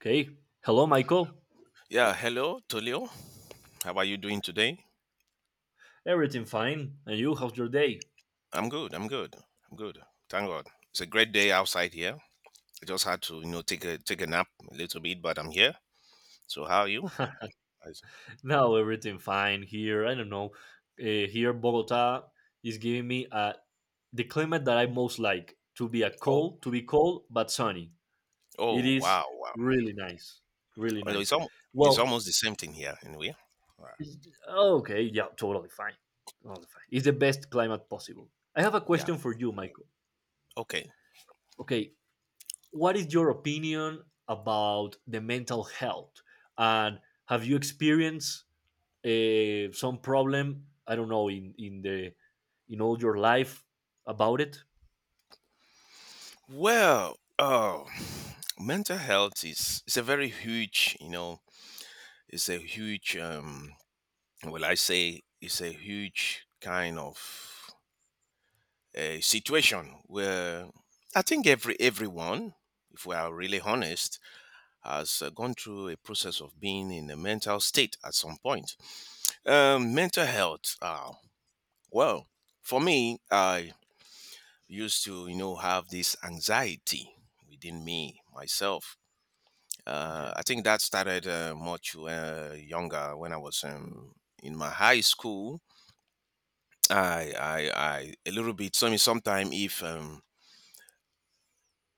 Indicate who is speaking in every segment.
Speaker 1: Okay. Hello, Michael.
Speaker 2: Yeah, hello, Tolio. How are you doing today?
Speaker 1: Everything fine? And you? How's your day?
Speaker 2: I'm good. I'm good. Thank God. It's a great day outside here. I just had to, take a nap a little bit, but I'm here. So how are you? I s-
Speaker 1: Now everything fine here. I don't know. Here, Bogota is giving me the climate that I most like to be a
Speaker 2: Oh,
Speaker 1: cold, to be cold but sunny. It
Speaker 2: oh,
Speaker 1: is
Speaker 2: wow, wow.
Speaker 1: really nice, really
Speaker 2: Well,
Speaker 1: nice. Well,
Speaker 2: it's almost the same thing here anyway. Wow.
Speaker 1: okay, yeah, totally fine, totally fine. It's the best climate possible. I have a
Speaker 2: Yeah.
Speaker 1: question for you, Michael.
Speaker 2: Okay.
Speaker 1: Okay, what is your opinion about the mental health and have you experienced some problem I don't know in the in all your life about it.
Speaker 2: Well, oh, mental health is it's a very huge, you know, it's a huge. Will I say it's a huge kind of a situation where I think everyone, if we are really honest, has gone through a process of being in a mental state at some point. Um, mental health. Uh, well, for me, I used to have this anxiety within me myself.
Speaker 1: Yeah,
Speaker 2: I think that started much younger when I was in my high school. A little bit. So, I mean, sometime if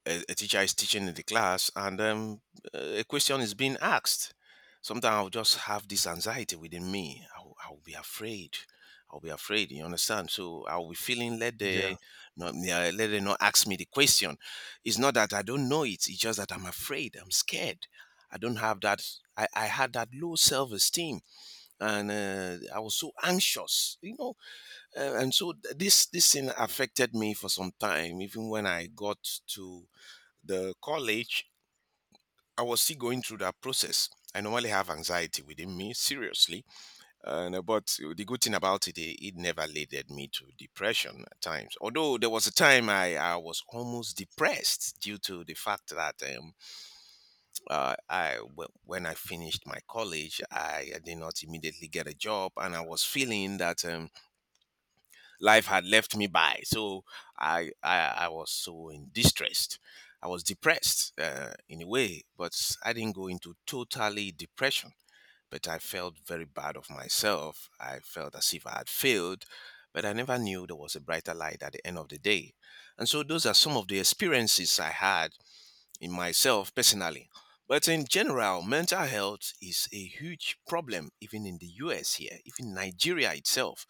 Speaker 2: a teacher is teaching in the class and a question is being asked. Sometimes I'll just have this anxiety within me. I'll be afraid. I'll be afraid. You understand? So I'll be feeling let
Speaker 1: yeah,
Speaker 2: they not yeah, let they not ask me the question. It's not that I don't know it. It's just that I'm afraid. I'm scared. I don't have that. I had that low self esteem and I was so anxious, you know. And so this thing affected me for some time. Even when I got to the college, I was still going through that process. I normally have anxiety within me, seriously. And, but the good thing about it, it never led me to depression at times. Although there was a time I was almost depressed due to the fact that when I finished my college, I did not immediately get a job. And I was feeling that life had left me by. So I was so in distress. I was depressed in a way, but I didn't go into totally depression. But I felt very bad of myself. I felt as if I had failed, but I never knew there was a brighter light at the end of the day. And so those are some of the experiences I had in myself personally. But in general, mental health is a huge problem, even in the US here, even Nigeria itself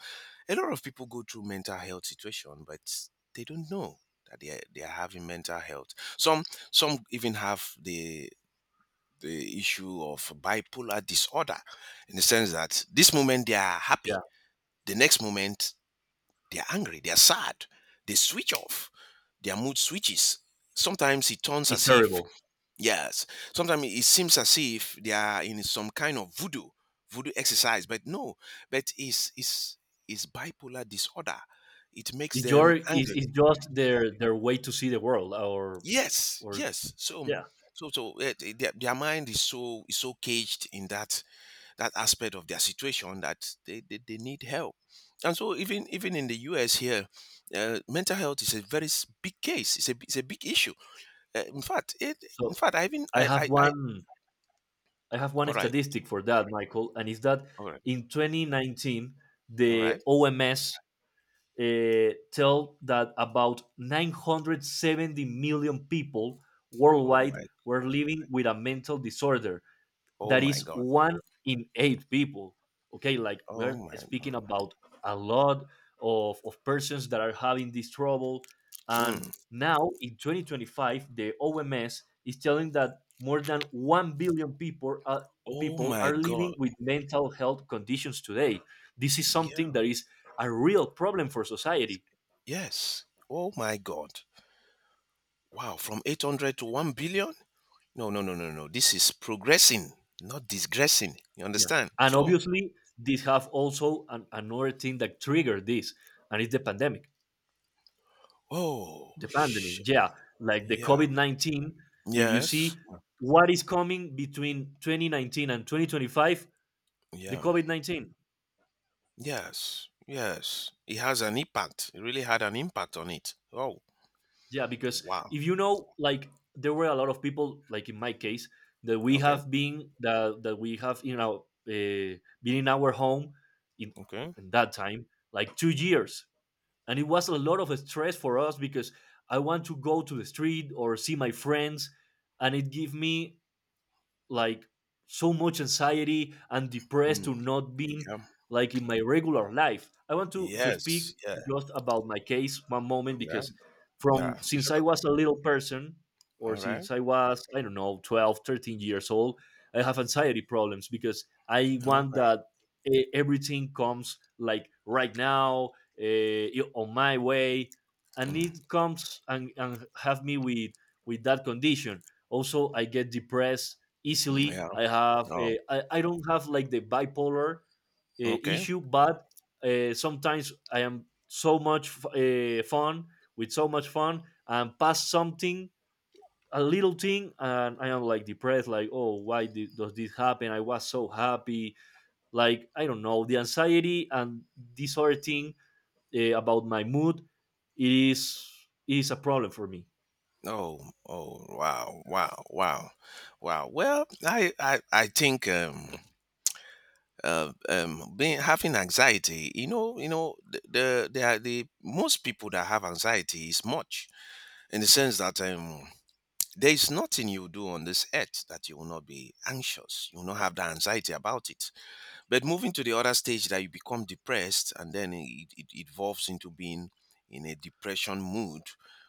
Speaker 2: a lot of people go through mental health situation, but they don't know that they are having mental health. Some some even have the issue of bipolar disorder, in the sense that this moment they are
Speaker 1: yeah,
Speaker 2: happy, the next moment they are angry, they are sad, they switch off, their mood switches. Sometimes it turns
Speaker 1: it's
Speaker 2: as if.
Speaker 1: terrible.
Speaker 2: Yes. Sometimes it seems as if they are in some kind of voodoo, voodoo exercise, but no, but it's bipolar disorder. It makes
Speaker 1: it's
Speaker 2: them
Speaker 1: your is
Speaker 2: angry.
Speaker 1: it's just their their way to see the world or
Speaker 2: Yes. So
Speaker 1: yeah.
Speaker 2: their mind is so caged in that that aspect of their situation that they need help. And so even in the US here, mental health is a very big case. It's a big issue. Uh, in fact, it,
Speaker 1: So
Speaker 2: in fact, I even
Speaker 1: i have
Speaker 2: I.
Speaker 1: one I have one
Speaker 2: All right,
Speaker 1: statistic for that, Michael, and is that
Speaker 2: all right,
Speaker 1: in 2019
Speaker 2: all
Speaker 1: the
Speaker 2: right.
Speaker 1: OMS tell that about 970 million people
Speaker 2: Oh
Speaker 1: worldwide
Speaker 2: my,
Speaker 1: were living with a mental disorder.
Speaker 2: oh
Speaker 1: That
Speaker 2: my
Speaker 1: is
Speaker 2: God.
Speaker 1: one in eight people. Okay, like
Speaker 2: Oh
Speaker 1: we're
Speaker 2: my God.
Speaker 1: speaking about a lot of persons that are having this trouble. And
Speaker 2: Mm.
Speaker 1: now in 2025, the OMS is telling that more than 1 billion
Speaker 2: Oh
Speaker 1: people
Speaker 2: my
Speaker 1: are living
Speaker 2: God.
Speaker 1: with mental health conditions today. This is something
Speaker 2: Yeah.
Speaker 1: that is a real problem for society.
Speaker 2: Yes. Oh my God. Wow. From 800 to 1 billion? No, no, no, no, no. This is progressing, not digressing. You
Speaker 1: Yeah.
Speaker 2: understand?
Speaker 1: And
Speaker 2: So,
Speaker 1: obviously, this have also an, another thing that triggered this, and it's the pandemic.
Speaker 2: oh,
Speaker 1: The pandemic,
Speaker 2: shit.
Speaker 1: yeah, like the
Speaker 2: Yeah.
Speaker 1: COVID 19. If you see
Speaker 2: Yes.
Speaker 1: what is coming between 2019 and 2025, the
Speaker 2: Yeah.
Speaker 1: COVID 19.
Speaker 2: Yes. Yes. It has an impact. It really had an impact on it. Oh,
Speaker 1: Yeah, because
Speaker 2: wow.
Speaker 1: if you know, like, there were a lot of people, like in my case, that we
Speaker 2: Okay.
Speaker 1: have been, that, that we have, you know, been in our home in,
Speaker 2: Okay.
Speaker 1: in that time, like 2 years. And it was a lot of stress for us because I want to go to the street or see my friends. And it gave me like so much anxiety and depressed
Speaker 2: Mm.
Speaker 1: to not being
Speaker 2: Yeah.
Speaker 1: like in my regular life. I want to speak
Speaker 2: Yes. Yeah.
Speaker 1: just about my case one moment
Speaker 2: Yeah.
Speaker 1: because
Speaker 2: Yeah.
Speaker 1: from since
Speaker 2: Shut
Speaker 1: I
Speaker 2: up.
Speaker 1: was a little person or
Speaker 2: All right.
Speaker 1: since I was I don't know 12, 13 years old, I have anxiety problems because I
Speaker 2: All
Speaker 1: want
Speaker 2: right.
Speaker 1: that everything comes like right now, on my way, and
Speaker 2: Mm,
Speaker 1: it comes and have me with that condition. Also I get depressed easily.
Speaker 2: yeah.
Speaker 1: I have
Speaker 2: Oh,
Speaker 1: I don't have like the bipolar
Speaker 2: okay.
Speaker 1: issue, but sometimes I am so much fun with so much fun and pass something, a little thing, and I am like depressed, like, oh, does this happen? I was so happy, like I don't know, the anxiety and this other thing about my mood, it is it is a problem for me
Speaker 2: Oh, oh, wow, wow, wow, wow. Well, I think being having anxiety, are the most people that have anxiety is much in the sense that there is nothing you do on this earth that you will not be anxious. You will not have the anxiety about it. But moving to the other stage that you become depressed and then it evolves into being in a depression mood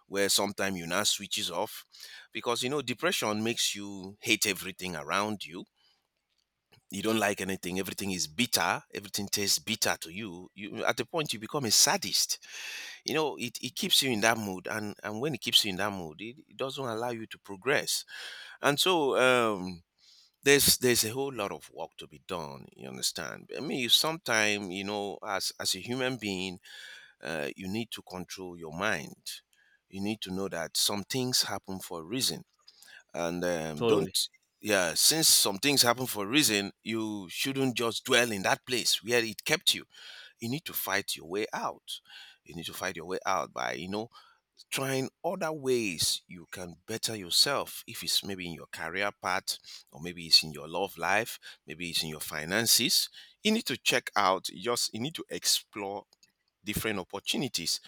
Speaker 2: where sometimes you now switches off because you know depression makes you hate everything around you. You don't like anything. Everything is bitter. Everything tastes bitter to you. You at the point you become a sadist. You know it keeps you in that mood, and when it keeps you in that mood, it doesn't allow you to progress. And so there's a whole lot of work to be done. You understand? I mean sometimes, you know, as a human being, you need to control your mind. You need to know that some things happen for a reason, and
Speaker 1: totally.
Speaker 2: don't yeah since some things happen for a reason you shouldn't just dwell in that place where it kept you. You need to fight your way out. You need to fight your way out by, you know, trying other ways you can better yourself, if it's maybe in your career path, or maybe it's in your love life, maybe it's in your finances. You need to check out, just you need to explore different opportunities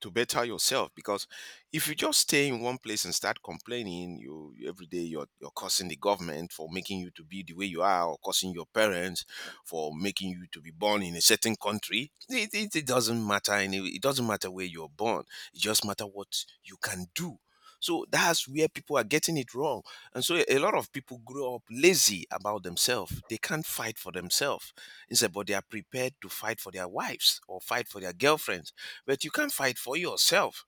Speaker 2: to better yourself, because if you just stay in one place and start complaining, every day you're cursing the government for making you to be the way you are, or cursing your parents for making you to be born in a certain country. It doesn't matter. Any it doesn't matter where you're born, it just matter what you can do. So that's where people are getting it wrong. And so a lot of people grow up lazy about themselves, they can't fight for themselves. Instead, but they are prepared to fight for their wives or fight for their girlfriends. But you can't fight for yourself.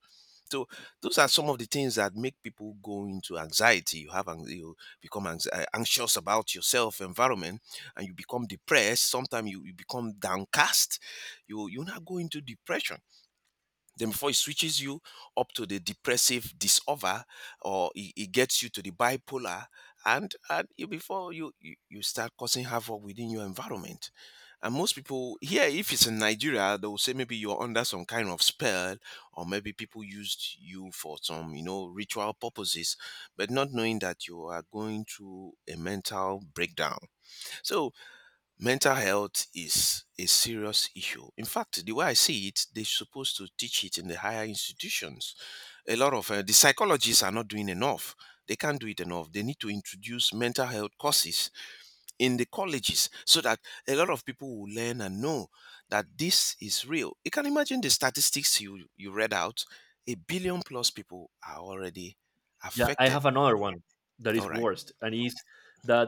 Speaker 2: So those are some of the things that make people go into anxiety. You have you become anxious about yourself, environment, and you become depressed. Sometimes you become downcast. You now go into depression, then before it switches you up to the depressive disorder, or it gets you to the bipolar, and you, you start causing havoc within your environment. And most people here, if it's in Nigeria, they will say maybe you're under some kind of spell, or maybe people used you for some, you know, ritual purposes, but not knowing that you are going through a mental breakdown. So mental health is a serious issue. In fact, the way I see it, they're supposed to teach it in the higher institutions. A lot of the psychologists are not doing enough. They can't do it enough. They need to introduce mental health courses in the colleges, so that a lot of people will learn and know that this is real. You can imagine the statistics you read out. A billion plus people are already
Speaker 1: Yeah, I
Speaker 2: affected.
Speaker 1: have another one that is
Speaker 2: All right.
Speaker 1: worst, and is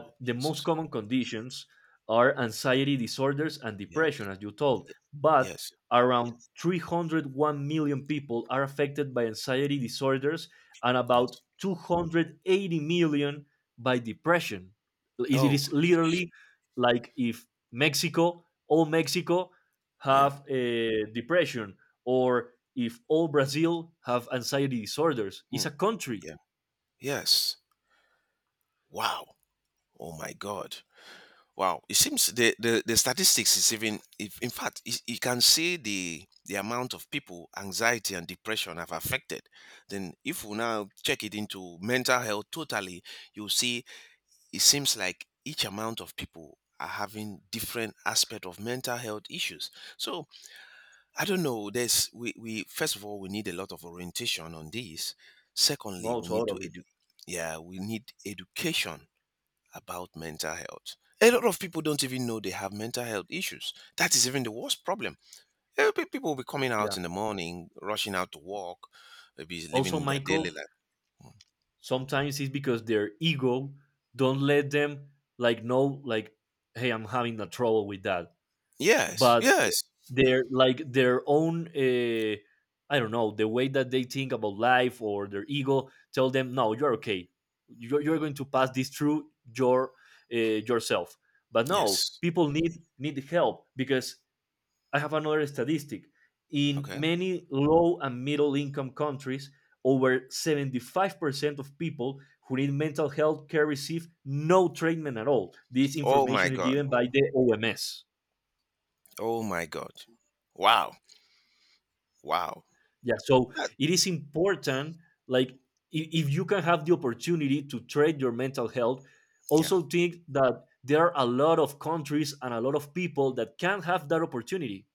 Speaker 2: Oh,
Speaker 1: the most
Speaker 2: Jesus.
Speaker 1: common conditions are anxiety disorders and
Speaker 2: Yes.
Speaker 1: depression, as you told, but
Speaker 2: Yes.
Speaker 1: around 301 million people are affected by anxiety disorders and about
Speaker 2: Yes.
Speaker 1: 280 million by depression. It
Speaker 2: Oh,
Speaker 1: is literally like if Mexico, all Mexico,
Speaker 2: yeah.
Speaker 1: have a depression, or if all Brazil have anxiety disorders. It's
Speaker 2: Mm.
Speaker 1: a country.
Speaker 2: yeah. Yes. Wow. Oh my God. Wow. It seems the statistics is even. If, In fact, you can see the amount of people anxiety and depression have affected. Then, if we now check it into mental health totally, you see it seems like each amount of people are having different aspect of mental health issues. So I don't know. There's we first of all we need a lot of orientation on this. Secondly,
Speaker 1: No,
Speaker 2: we need to
Speaker 1: totally.
Speaker 2: we need education about mental health. A lot of people don't even know they have mental health issues. That is even the worst problem. People will be coming
Speaker 1: Yeah.
Speaker 2: out in the morning, rushing out to work, maybe
Speaker 1: Also,
Speaker 2: living their daily
Speaker 1: Michael,
Speaker 2: life.
Speaker 1: sometimes it's because their ego don't let them like know, like, hey, I'm having a trouble with that.
Speaker 2: Yes,
Speaker 1: But
Speaker 2: yes,
Speaker 1: their like their own I don't know the way that they think about life or their ego tell them, no, you're okay. You're going to pass this through your uh, yourself. But no,
Speaker 2: yes.
Speaker 1: people need need help because I have another statistic. In
Speaker 2: Okay.
Speaker 1: many low and middle income countries, over 75% of people who need mental health care receive no treatment at all. This
Speaker 2: Oh my
Speaker 1: information is
Speaker 2: God.
Speaker 1: given by the OMS.
Speaker 2: Oh my God. Wow. Wow.
Speaker 1: Yeah, so
Speaker 2: That,
Speaker 1: it is important, like, I- if you can have the opportunity to treat your mental health,
Speaker 2: yeah.
Speaker 1: also think that there are a lot of countries and a lot of people that can have that opportunity.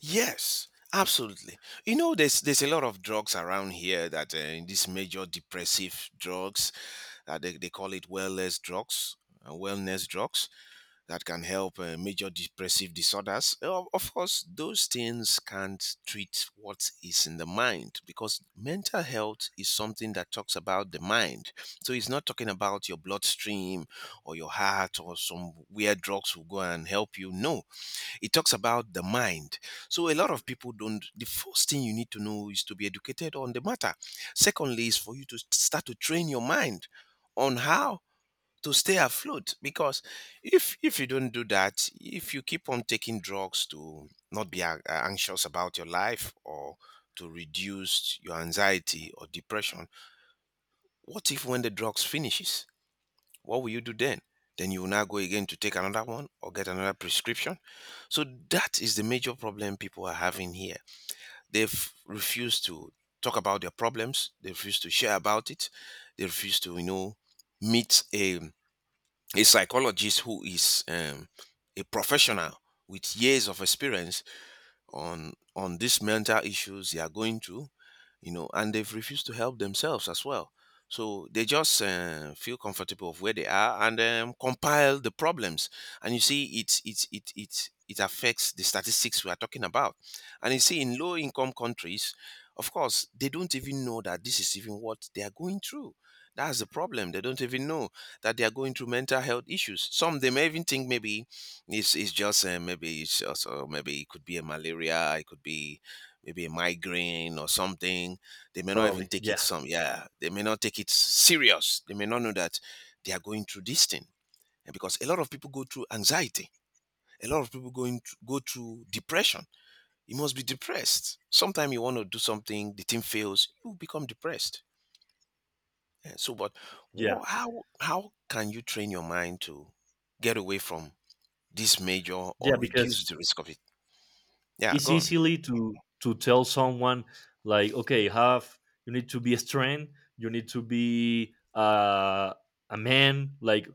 Speaker 2: Yes, absolutely. You know, there's a lot of drugs around here that these major depressive drugs. They call it wellness drugs, wellness drugs. That can help major depressive disorders. Of course, those things can't treat what is in the mind, because mental health is something that talks about the mind. So it's not talking about your bloodstream or your heart, or some weird drugs will go and help you. No, it talks about the mind. So a lot of people don't. The first thing you need to know is to be educated on the matter. Secondly, is for you to start to train your mind on how to stay afloat, because if you don't do that, if you keep on taking drugs to not be anxious about your life or to reduce your anxiety or depression, what if when the drugs finishes? What will you do then? Then you will now go again to take another one or get another prescription. So that is the major problem people are having here. They've refused to talk about their problems, they refuse to share about it, they refuse to meet a psychologist who is a professional with years of experience on these mental issues they are going through, and they've refused to help themselves as well. So they just feel comfortable of where they are, and compile the problems. And you see, it's it it it affects the statistics we are talking about. And you see, in low income countries, of course, they don't even know that this is even what they are going through. That's the problem. They don't even know that they are going through mental health issues. Some, they may even think, maybe it's just saying, maybe it's also, maybe it could be a malaria, it could be maybe a migraine or something. They may not even
Speaker 1: Totally.
Speaker 2: take it
Speaker 1: Yeah.
Speaker 2: some. Yeah, they may not take it serious. They may not know that they are going through this thing. And because a lot of people go through anxiety, a lot of people going go through depression. You must be depressed. Sometimes you want to do something, the thing fails, you become depressed. Yeah, so, but
Speaker 1: Yeah.
Speaker 2: how can you train your mind to get away from this major
Speaker 1: Yeah.
Speaker 2: or
Speaker 1: Because
Speaker 2: reduce the risk of it? Yeah,
Speaker 1: it's
Speaker 2: go on.
Speaker 1: easily to tell someone, like, okay, have you need to be strong, you need to be a man, like,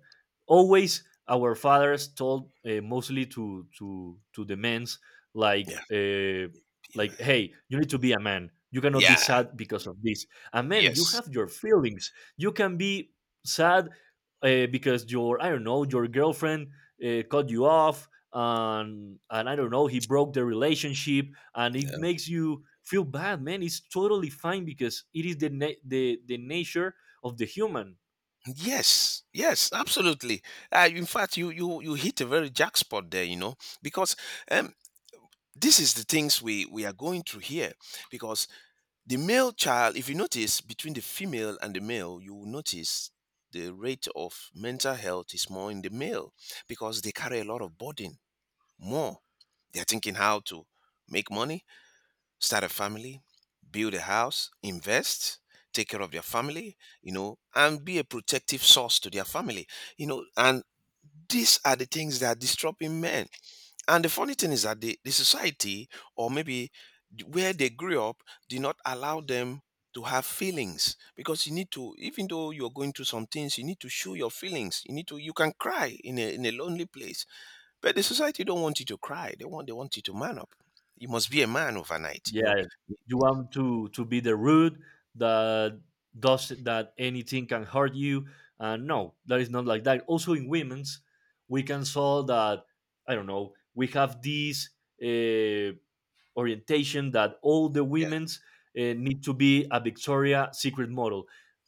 Speaker 1: always our fathers told, mostly to the men's, like
Speaker 2: Yeah,
Speaker 1: uh,
Speaker 2: yeah,
Speaker 1: like,
Speaker 2: man.
Speaker 1: hey, you need to be a man, you cannot be
Speaker 2: Yeah,
Speaker 1: sad because of this. A man, you
Speaker 2: yes,
Speaker 1: have your feelings, you can be sad because your I don't know your girlfriend cut you off and I don't know, he broke the relationship, and it
Speaker 2: yeah,
Speaker 1: makes you feel bad, man. It's totally fine because it is the nature of the human.
Speaker 2: yes, yes, absolutely. In fact, you hit a very jackpot there, because um, this is the things we are going through here. Because the male child, if you notice between the female and the male, you will notice the rate of mental health is more in the male, because they carry a lot of burden more. They're thinking how to make money, start a family, build a house, invest, take care of their family, and be a protective source to their family. And these are the things that are disrupting men. And the funny thing is that the society, or maybe where they grew up, did not allow them to have feelings, because you need to, even though you're going through some things, you need to show your feelings, you need to, you can cry in a lonely place, but the society don't want you to cry. They want you to man up. You must be a man overnight.
Speaker 1: Yeah. You want to be the rude that does that anything can hurt you, and no, that is not like that. Also, in women's, we can saw that I don't know. We have this uh, orientation that all the women's need to be a Victoria's Secret model.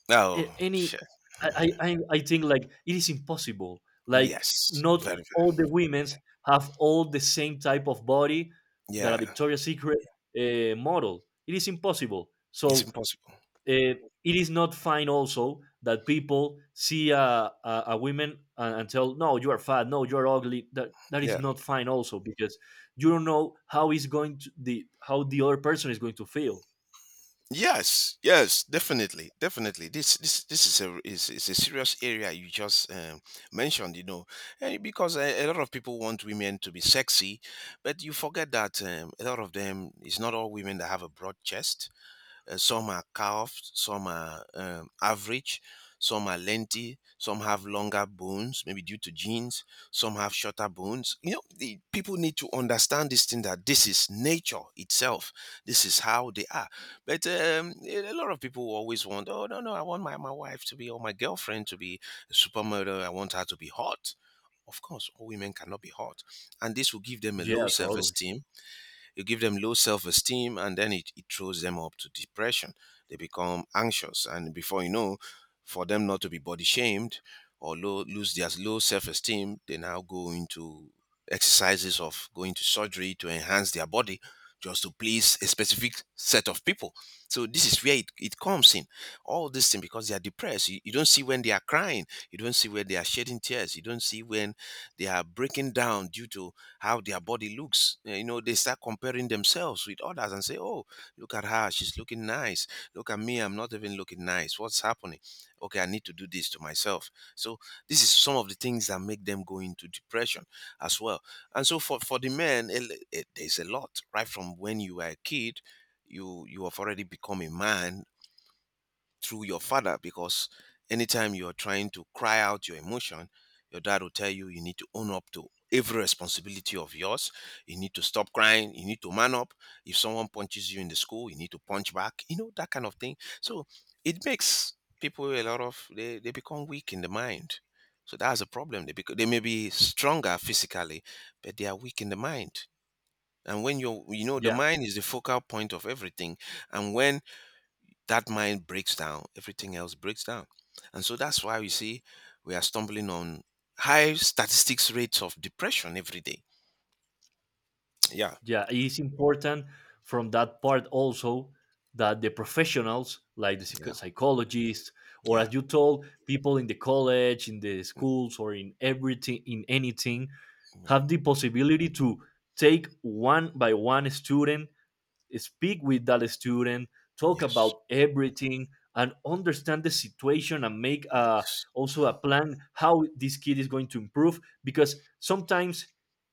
Speaker 2: Oh,
Speaker 1: A- any
Speaker 2: shit.
Speaker 1: I, I think like it is impossible, like,
Speaker 2: Yes,
Speaker 1: not
Speaker 2: very, very.
Speaker 1: all the women's have all the same type of body that a
Speaker 2: Yeah,
Speaker 1: Victoria's Secret model, it is impossible. So
Speaker 2: it's impossible.
Speaker 1: uh, it is not fine also that people see a woman and tell, no, you are fat, no, you're ugly, that that is
Speaker 2: Yeah.
Speaker 1: not fine also, because you don't know how is going to the how the other person is going to feel.
Speaker 2: Yes, yes, definitely, definitely. This is a serious area you just mentioned. You know, because a lot of people want women to be sexy, but you forget that, a lot of them. It's not all women that have a broad chest. Some are curved, some are average, some are lengthy, some have longer bones, maybe due to genes, some have shorter bones. You know, the people need to understand this thing, that this is nature itself. This is how they are. But a lot of people always want, oh, no, no, I want my wife to be, or my girlfriend to be a supermodel. I want her to be hot. Of course, all women cannot be hot. And this will give them a
Speaker 1: Yeah,
Speaker 2: low self
Speaker 1: totally.
Speaker 2: esteem. You give them low self-esteem, and then it throws them up to depression. They become anxious, and before you know, for them not to be body shamed or lose their low self-esteem, they now go into exercises of going to surgery to enhance their body, just to please a specific set of people. So this is where it comes in, all this thing, because they are depressed. You don't see when they are crying, you don't see when they are shedding tears, you don't see when they are breaking down due to how their body looks. They start comparing themselves with others and say, "Oh, look at her; she's looking nice. Look at me; I'm not even looking nice. What's happening? Okay, I need to do this to myself." So this is some of the things that make them go into depression as well. And so for the men, there's a lot right from when you were a kid. You have already become a man through your father, because anytime you're trying to cry out your emotion, your dad will tell you, you need to own up to every responsibility of yours. You need to stop crying. You need to man up. If someone punches you in the school, you need to punch back. You know that kind of thing. So it makes people, a lot of, they become weak in the mind. So that's a problem. They, because they may be stronger physically, but they are weak in the mind. And when you are, the
Speaker 1: Yeah,
Speaker 2: mind is the focal point of everything, and when that mind breaks down, everything else breaks down. And so that's why we see we are stumbling on high statistics rates of depression every day. Yeah,
Speaker 1: yeah. It's important from that part also that the professionals, like the
Speaker 2: yeah,
Speaker 1: psychologists, or
Speaker 2: yeah,
Speaker 1: as you told, people in the college, in the
Speaker 2: mm,
Speaker 1: schools, or in everything, in anything, have the
Speaker 2: yeah.
Speaker 1: possibility to take one by one student, speak with that student, talk
Speaker 2: Yes,
Speaker 1: about everything, and understand the situation and make a,
Speaker 2: yes,
Speaker 1: also a plan how this kid is going to improve, because sometimes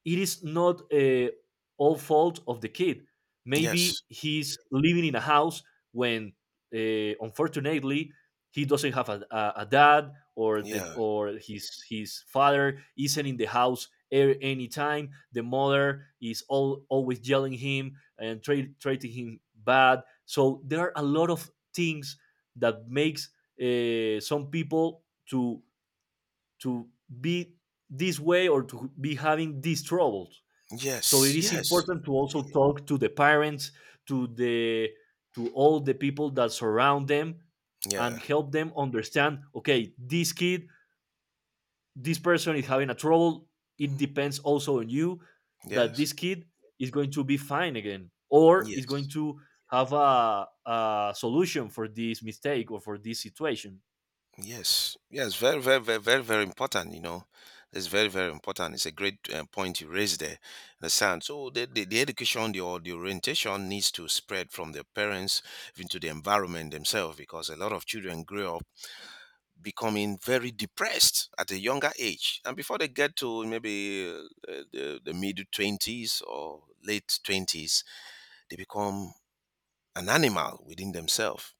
Speaker 1: it is not all fault of the kid. Maybe
Speaker 2: yes,
Speaker 1: he's living in a house when, unfortunately, he doesn't have a dad or the,
Speaker 2: yeah,
Speaker 1: or his father isn't in the house a- any time the mother is all, always yelling him and treating him bad. So there are a lot of things that makes some people to to be this way or to be having these troubles. So it
Speaker 2: yes,
Speaker 1: is
Speaker 2: yes,
Speaker 1: important to also talk to the parents, to the to all the people that surround them, and
Speaker 2: yeah,
Speaker 1: help them understand. Okay, this kid, this person is having a trouble, it depends also on you that
Speaker 2: yes,
Speaker 1: this kid is going to be fine again or is going
Speaker 2: yes.
Speaker 1: to have a solution for this mistake or for this situation.
Speaker 2: Yes, yes, very, very, very, very, very important. You know, it's very, very important. It's a great point you raised there. Understand? So the education, the or the orientation needs to spread from the parents into the environment themselves, because a lot of children grow up becoming very depressed at a younger age, and before they get to maybe the middle 20s or late 20s, they become an animal within themselves.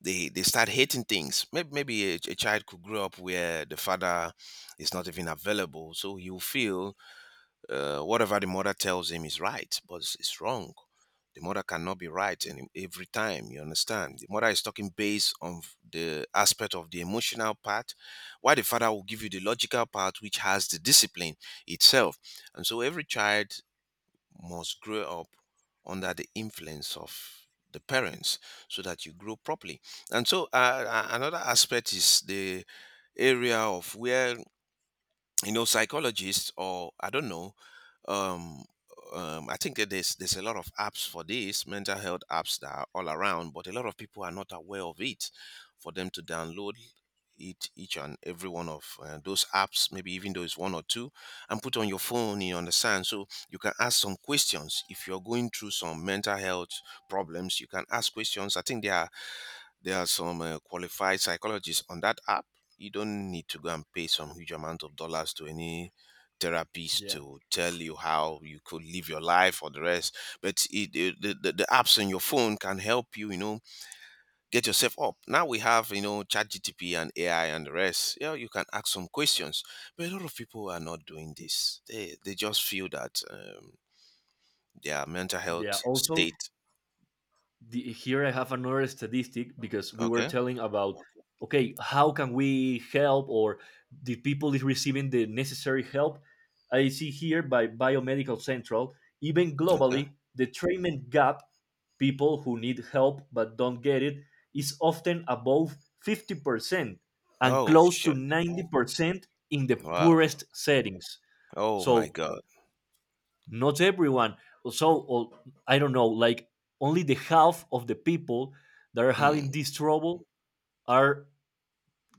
Speaker 2: They start hating things. Maybe maybe a child could grow up where the father is not even available, so he'll feel, whatever the mother tells him is right, but it's wrong. The mother cannot be right, and every time, you understand, the mother is talking based on the aspect of the emotional part, while the father will give you the logical part, which has the discipline itself. And so every child must grow up under the influence of the parents, so that you grow properly. And so, another aspect is the area of where, psychologists, or I don't know, um, I think that there's a lot of apps for this, mental health apps that are all around, but a lot of people are not aware of it. For them to download it, each and every one of those apps, maybe, even though it's one or two, and put on your phone, you understand, so you can ask some questions. If you're going through some mental health problems, you can ask questions. I think there are, there are some qualified psychologists on that app. You don't need to go and pay some huge amount of dollars to any therapist
Speaker 1: Yeah,
Speaker 2: to tell you how you could live your life or the rest. But the the apps on your phone can help you, get yourself up. Now we have, ChatGTP and AI and the rest. Yeah, you can ask some questions. But a lot of people are not doing this. They just feel that, their mental
Speaker 1: yeah,
Speaker 2: health
Speaker 1: also
Speaker 2: state.
Speaker 1: the, here I have another statistic because we were
Speaker 2: Okay.
Speaker 1: telling about, okay, how can we help or the people is receiving the necessary help? I see here by Biomedical Central, even
Speaker 2: Okay.
Speaker 1: globally, the treatment gap, people who need help but don't get it, is often above 50% and
Speaker 2: Oh,
Speaker 1: close to
Speaker 2: shit.
Speaker 1: 90% in the
Speaker 2: Wow.
Speaker 1: poorest settings.
Speaker 2: Oh, my
Speaker 1: So
Speaker 2: God.
Speaker 1: not everyone, so, well, I don't know, like, only the half of the people that are having
Speaker 2: Hmm.
Speaker 1: this trouble are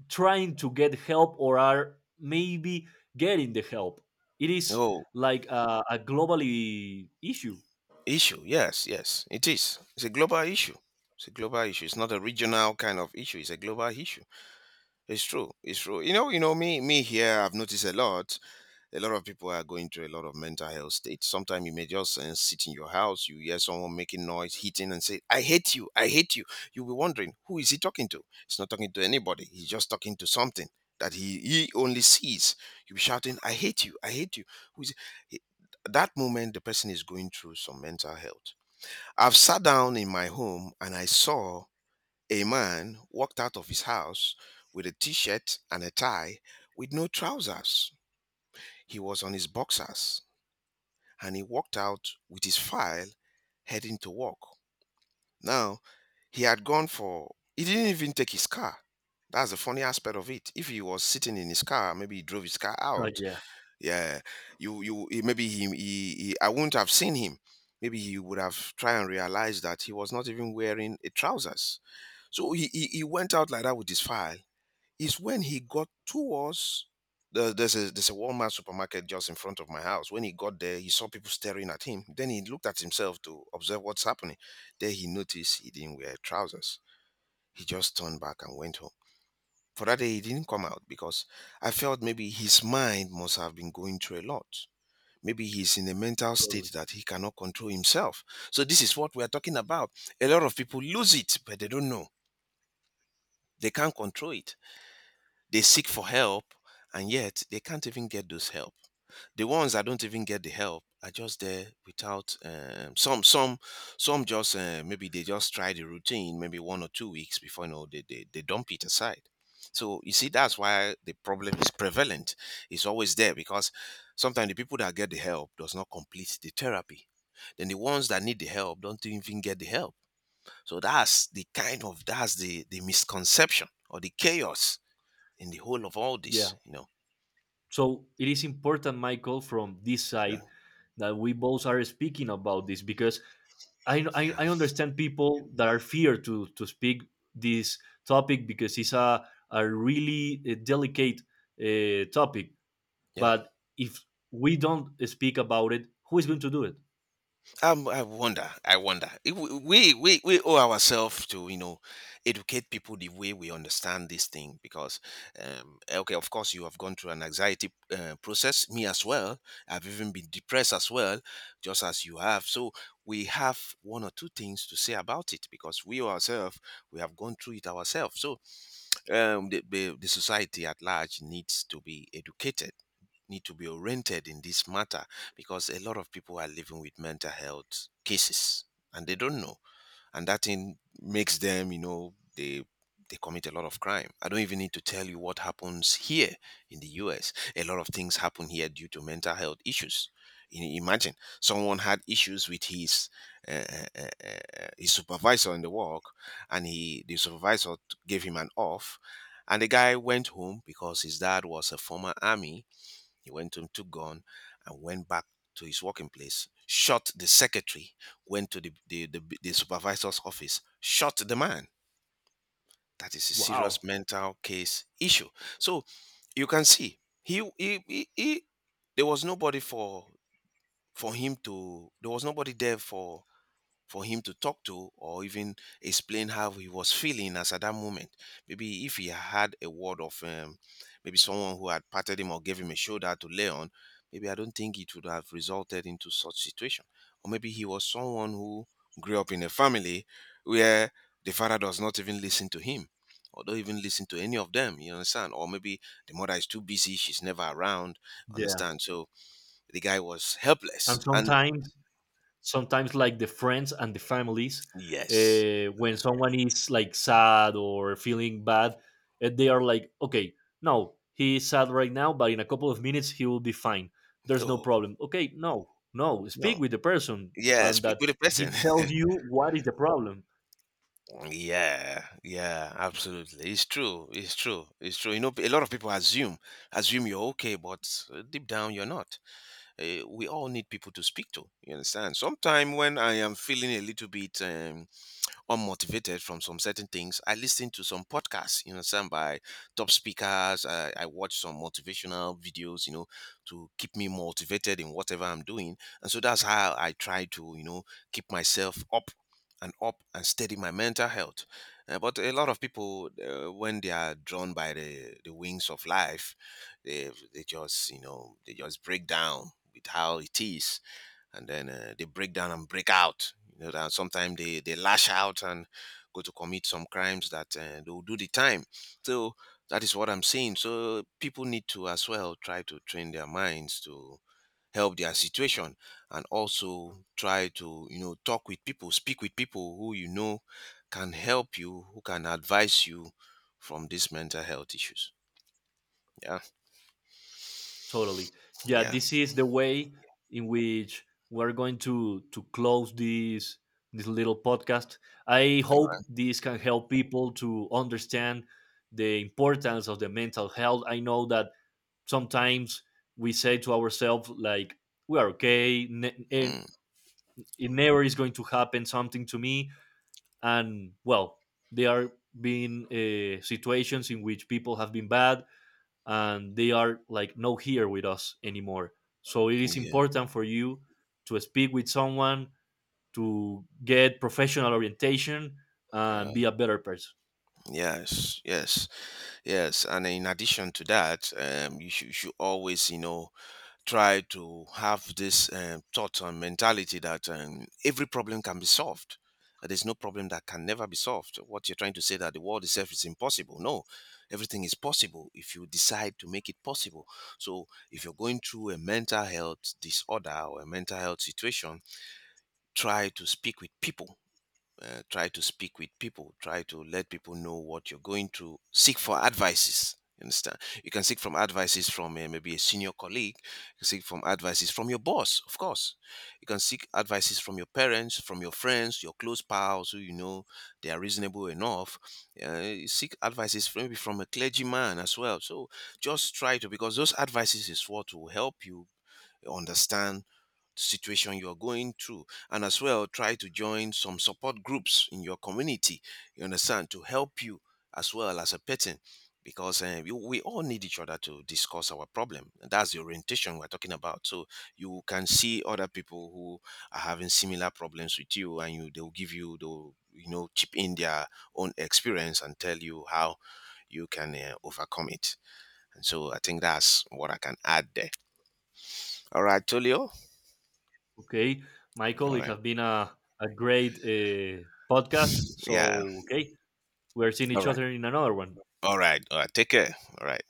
Speaker 1: trying to get help or are maybe getting the help. It is
Speaker 2: Oh,
Speaker 1: like a globally issue.
Speaker 2: issue. Yes, yes, it is. It's a global issue. It's a global issue. It's not a regional kind of issue. It's a global issue. It's true. It's true. Me here, I've noticed a lot. A lot of people are going through a lot of mental health states. Sometimes you may just sit in your house, you hear someone making noise, hitting, and say, I hate you, I hate you. You'll be wondering, who is he talking to? He's not talking to anybody, he's just talking to something that he only sees. You'll be shouting, I hate you, I hate you. Who is he? That moment, the person is going through some mental health. I've sat down in my home, and I saw a man walked out of his house with a T shirt and a tie, with no trousers. He was on his boxers, and he walked out with his file heading to work. Now, he had gone for, he didn't even take his car. That's the funny aspect of it. If he was sitting in his car, maybe he drove his car
Speaker 1: Oh
Speaker 2: out.
Speaker 1: yeah,
Speaker 2: Yeah, you, he- maybe he, I wouldn't have seen him. Maybe he would have tried and realized that he was not even wearing a trousers. So he went out like that with his file is when he got to us. There's a Walmart supermarket just in front of my house. When he got there, he saw people staring at him. Then he looked at himself to observe what's happening. Then he noticed he didn't wear trousers. He just turned back and went home. For that day, he didn't come out because I felt maybe his mind must have been going through a lot. Maybe he's in a mental
Speaker 1: totally.
Speaker 2: state that he cannot control himself. So this is what we are talking about. A lot of people lose it, but they don't know. They can't control it. They seek for help, and yet they can't even get those help. The ones that don't even get the help are just there without some some just maybe they just try the routine maybe 1 or 2 weeks before they, they dump it aside. So you see that's why the problem is prevalent. It's always there because sometimes the people that get the help does not complete the therapy. Then the ones that need the help don't even get the help. So that's the misconception or the chaos in the whole of all
Speaker 1: Yeah,
Speaker 2: this, you know.
Speaker 1: so it is important, Michael, from this
Speaker 2: Yeah,
Speaker 1: side that we both are speaking about this, because
Speaker 2: yeah,
Speaker 1: I understand people that are fear to speak this topic because it's a really delicate topic.
Speaker 2: yeah.
Speaker 1: But if we don't speak about it, who is going to do it?
Speaker 2: I wonder. I wonder. If we owe ourselves to educate people the way we understand this thing. Because okay, of course, you have gone through an anxiety process, me as well. I've even been depressed as well, just as you have. So we have one or two things to say about it, because we ourselves, we have gone through it ourselves. So the society at large needs to be educated, need to be oriented in this matter, because a lot of people are living with mental health cases and they don't know. And that thing makes them, they commit a lot of crime. I don't even need to tell you what happens here in the US. A lot of things happen here due to mental health issues. Imagine someone had issues with his supervisor in the work, and he the supervisor gave him an off. And the guy went home. Because his dad was a former army, he went to took gun and went back to his working place, shot the secretary, went to the supervisor's office, shot the man. That is a
Speaker 1: Wow.
Speaker 2: serious mental case issue. So you can see, he, there was nobody for him to, there was nobody there for him to talk to, or even explain how he was feeling as at that moment. Maybe if he had a word of maybe someone who had patted him or gave him a shoulder to lay on, maybe I don't think it would have resulted into such situation. Or maybe he was someone who grew up in a family where the father does not even listen to him or don't even listen to any of them, you understand? Or maybe the mother is too busy, she's never around,
Speaker 1: Yeah.
Speaker 2: understand? So the guy was
Speaker 1: And
Speaker 2: helpless. And
Speaker 1: sometimes, sometimes like the friends and the families,
Speaker 2: yes,
Speaker 1: when someone is like sad or feeling bad, they are like, okay, no, he is sad right now but in a couple of minutes he will be fine, there's no
Speaker 2: oh,
Speaker 1: problem. Okay, no, no, speak
Speaker 2: no,
Speaker 1: with the person
Speaker 2: yeah,
Speaker 1: and
Speaker 2: speak
Speaker 1: that
Speaker 2: with a person.
Speaker 1: he tells you what is the problem.
Speaker 2: Yeah, yeah, absolutely. It's true. It's true. It's true. You know, a lot of people assume you're okay, but deep down you're not. We all need people to speak to. You understand? Sometime when I am feeling a little bit unmotivated from some certain things, I listen to some podcasts, some by top speakers. I watch some motivational videos, to keep me motivated in whatever I'm doing. And so that's how I try to keep myself up and up and steady my mental health. But a lot of people, when they are drawn by the wings of life, they just, you know, they just break down with how it is. And then they break down and break out. You know that sometimes they lash out and go to commit some crimes that they will do the time. So that is what I'm saying. So people need to as well try to train their minds to help their situation, and also try to, talk with people, speak with people who can help you, who can advise you from these mental health issues. Yeah,
Speaker 1: Totally. Yeah,
Speaker 2: yeah.
Speaker 1: this is the way in which we're going to close this this little podcast. I
Speaker 2: All right.
Speaker 1: hope this can help people to understand the importance of the mental health. I know that sometimes we say to ourselves, like, we are okay and
Speaker 2: Mm,
Speaker 1: it never is going to happen something to me, and, well, there are been situations in which people have been bad and they are like not here with us anymore. So it is
Speaker 2: yeah,
Speaker 1: important for you to speak with someone, to get professional orientation, and be
Speaker 2: yeah,
Speaker 1: a better person.
Speaker 2: yes, yes. Yes, and in addition to that, you should always, try to have this thought and mentality that every problem can be solved. That There's no problem that can never be solved. What you're trying to say that the world itself is impossible. No, everything is possible if you decide to make it possible. So, if you're going through a mental health disorder or a mental health situation, try to speak with people try to speak with people, try to let people know what you're going through. Seek for advices, you understand. You can seek from advices from maybe a senior colleague. You can seek from advices from your boss, of course. You can seek advices from your parents, from your friends, your close pals who they are reasonable enough. You seek advices from, maybe from a clergyman as well. So just try to, because those advices is what will help you understand situation you're going through. And as well, try to join some support groups in your community, you understand, to help you as well as a person. Because eh, you we all need each other to discuss our problem, and that's the orientation we're talking about. So you can see other people who are having similar problems with you, and you they'll give you the, chip in their own experience and tell you how you can overcome it. And so I think that's what I can add there. All right, Tolio.
Speaker 1: Okay, Michael,
Speaker 2: All
Speaker 1: it
Speaker 2: right.
Speaker 1: has been a great podcast.
Speaker 2: Yeah.
Speaker 1: So, okay, we're seeing
Speaker 2: All
Speaker 1: each
Speaker 2: right.
Speaker 1: other in another one.
Speaker 2: All right. All right. Take care. All right.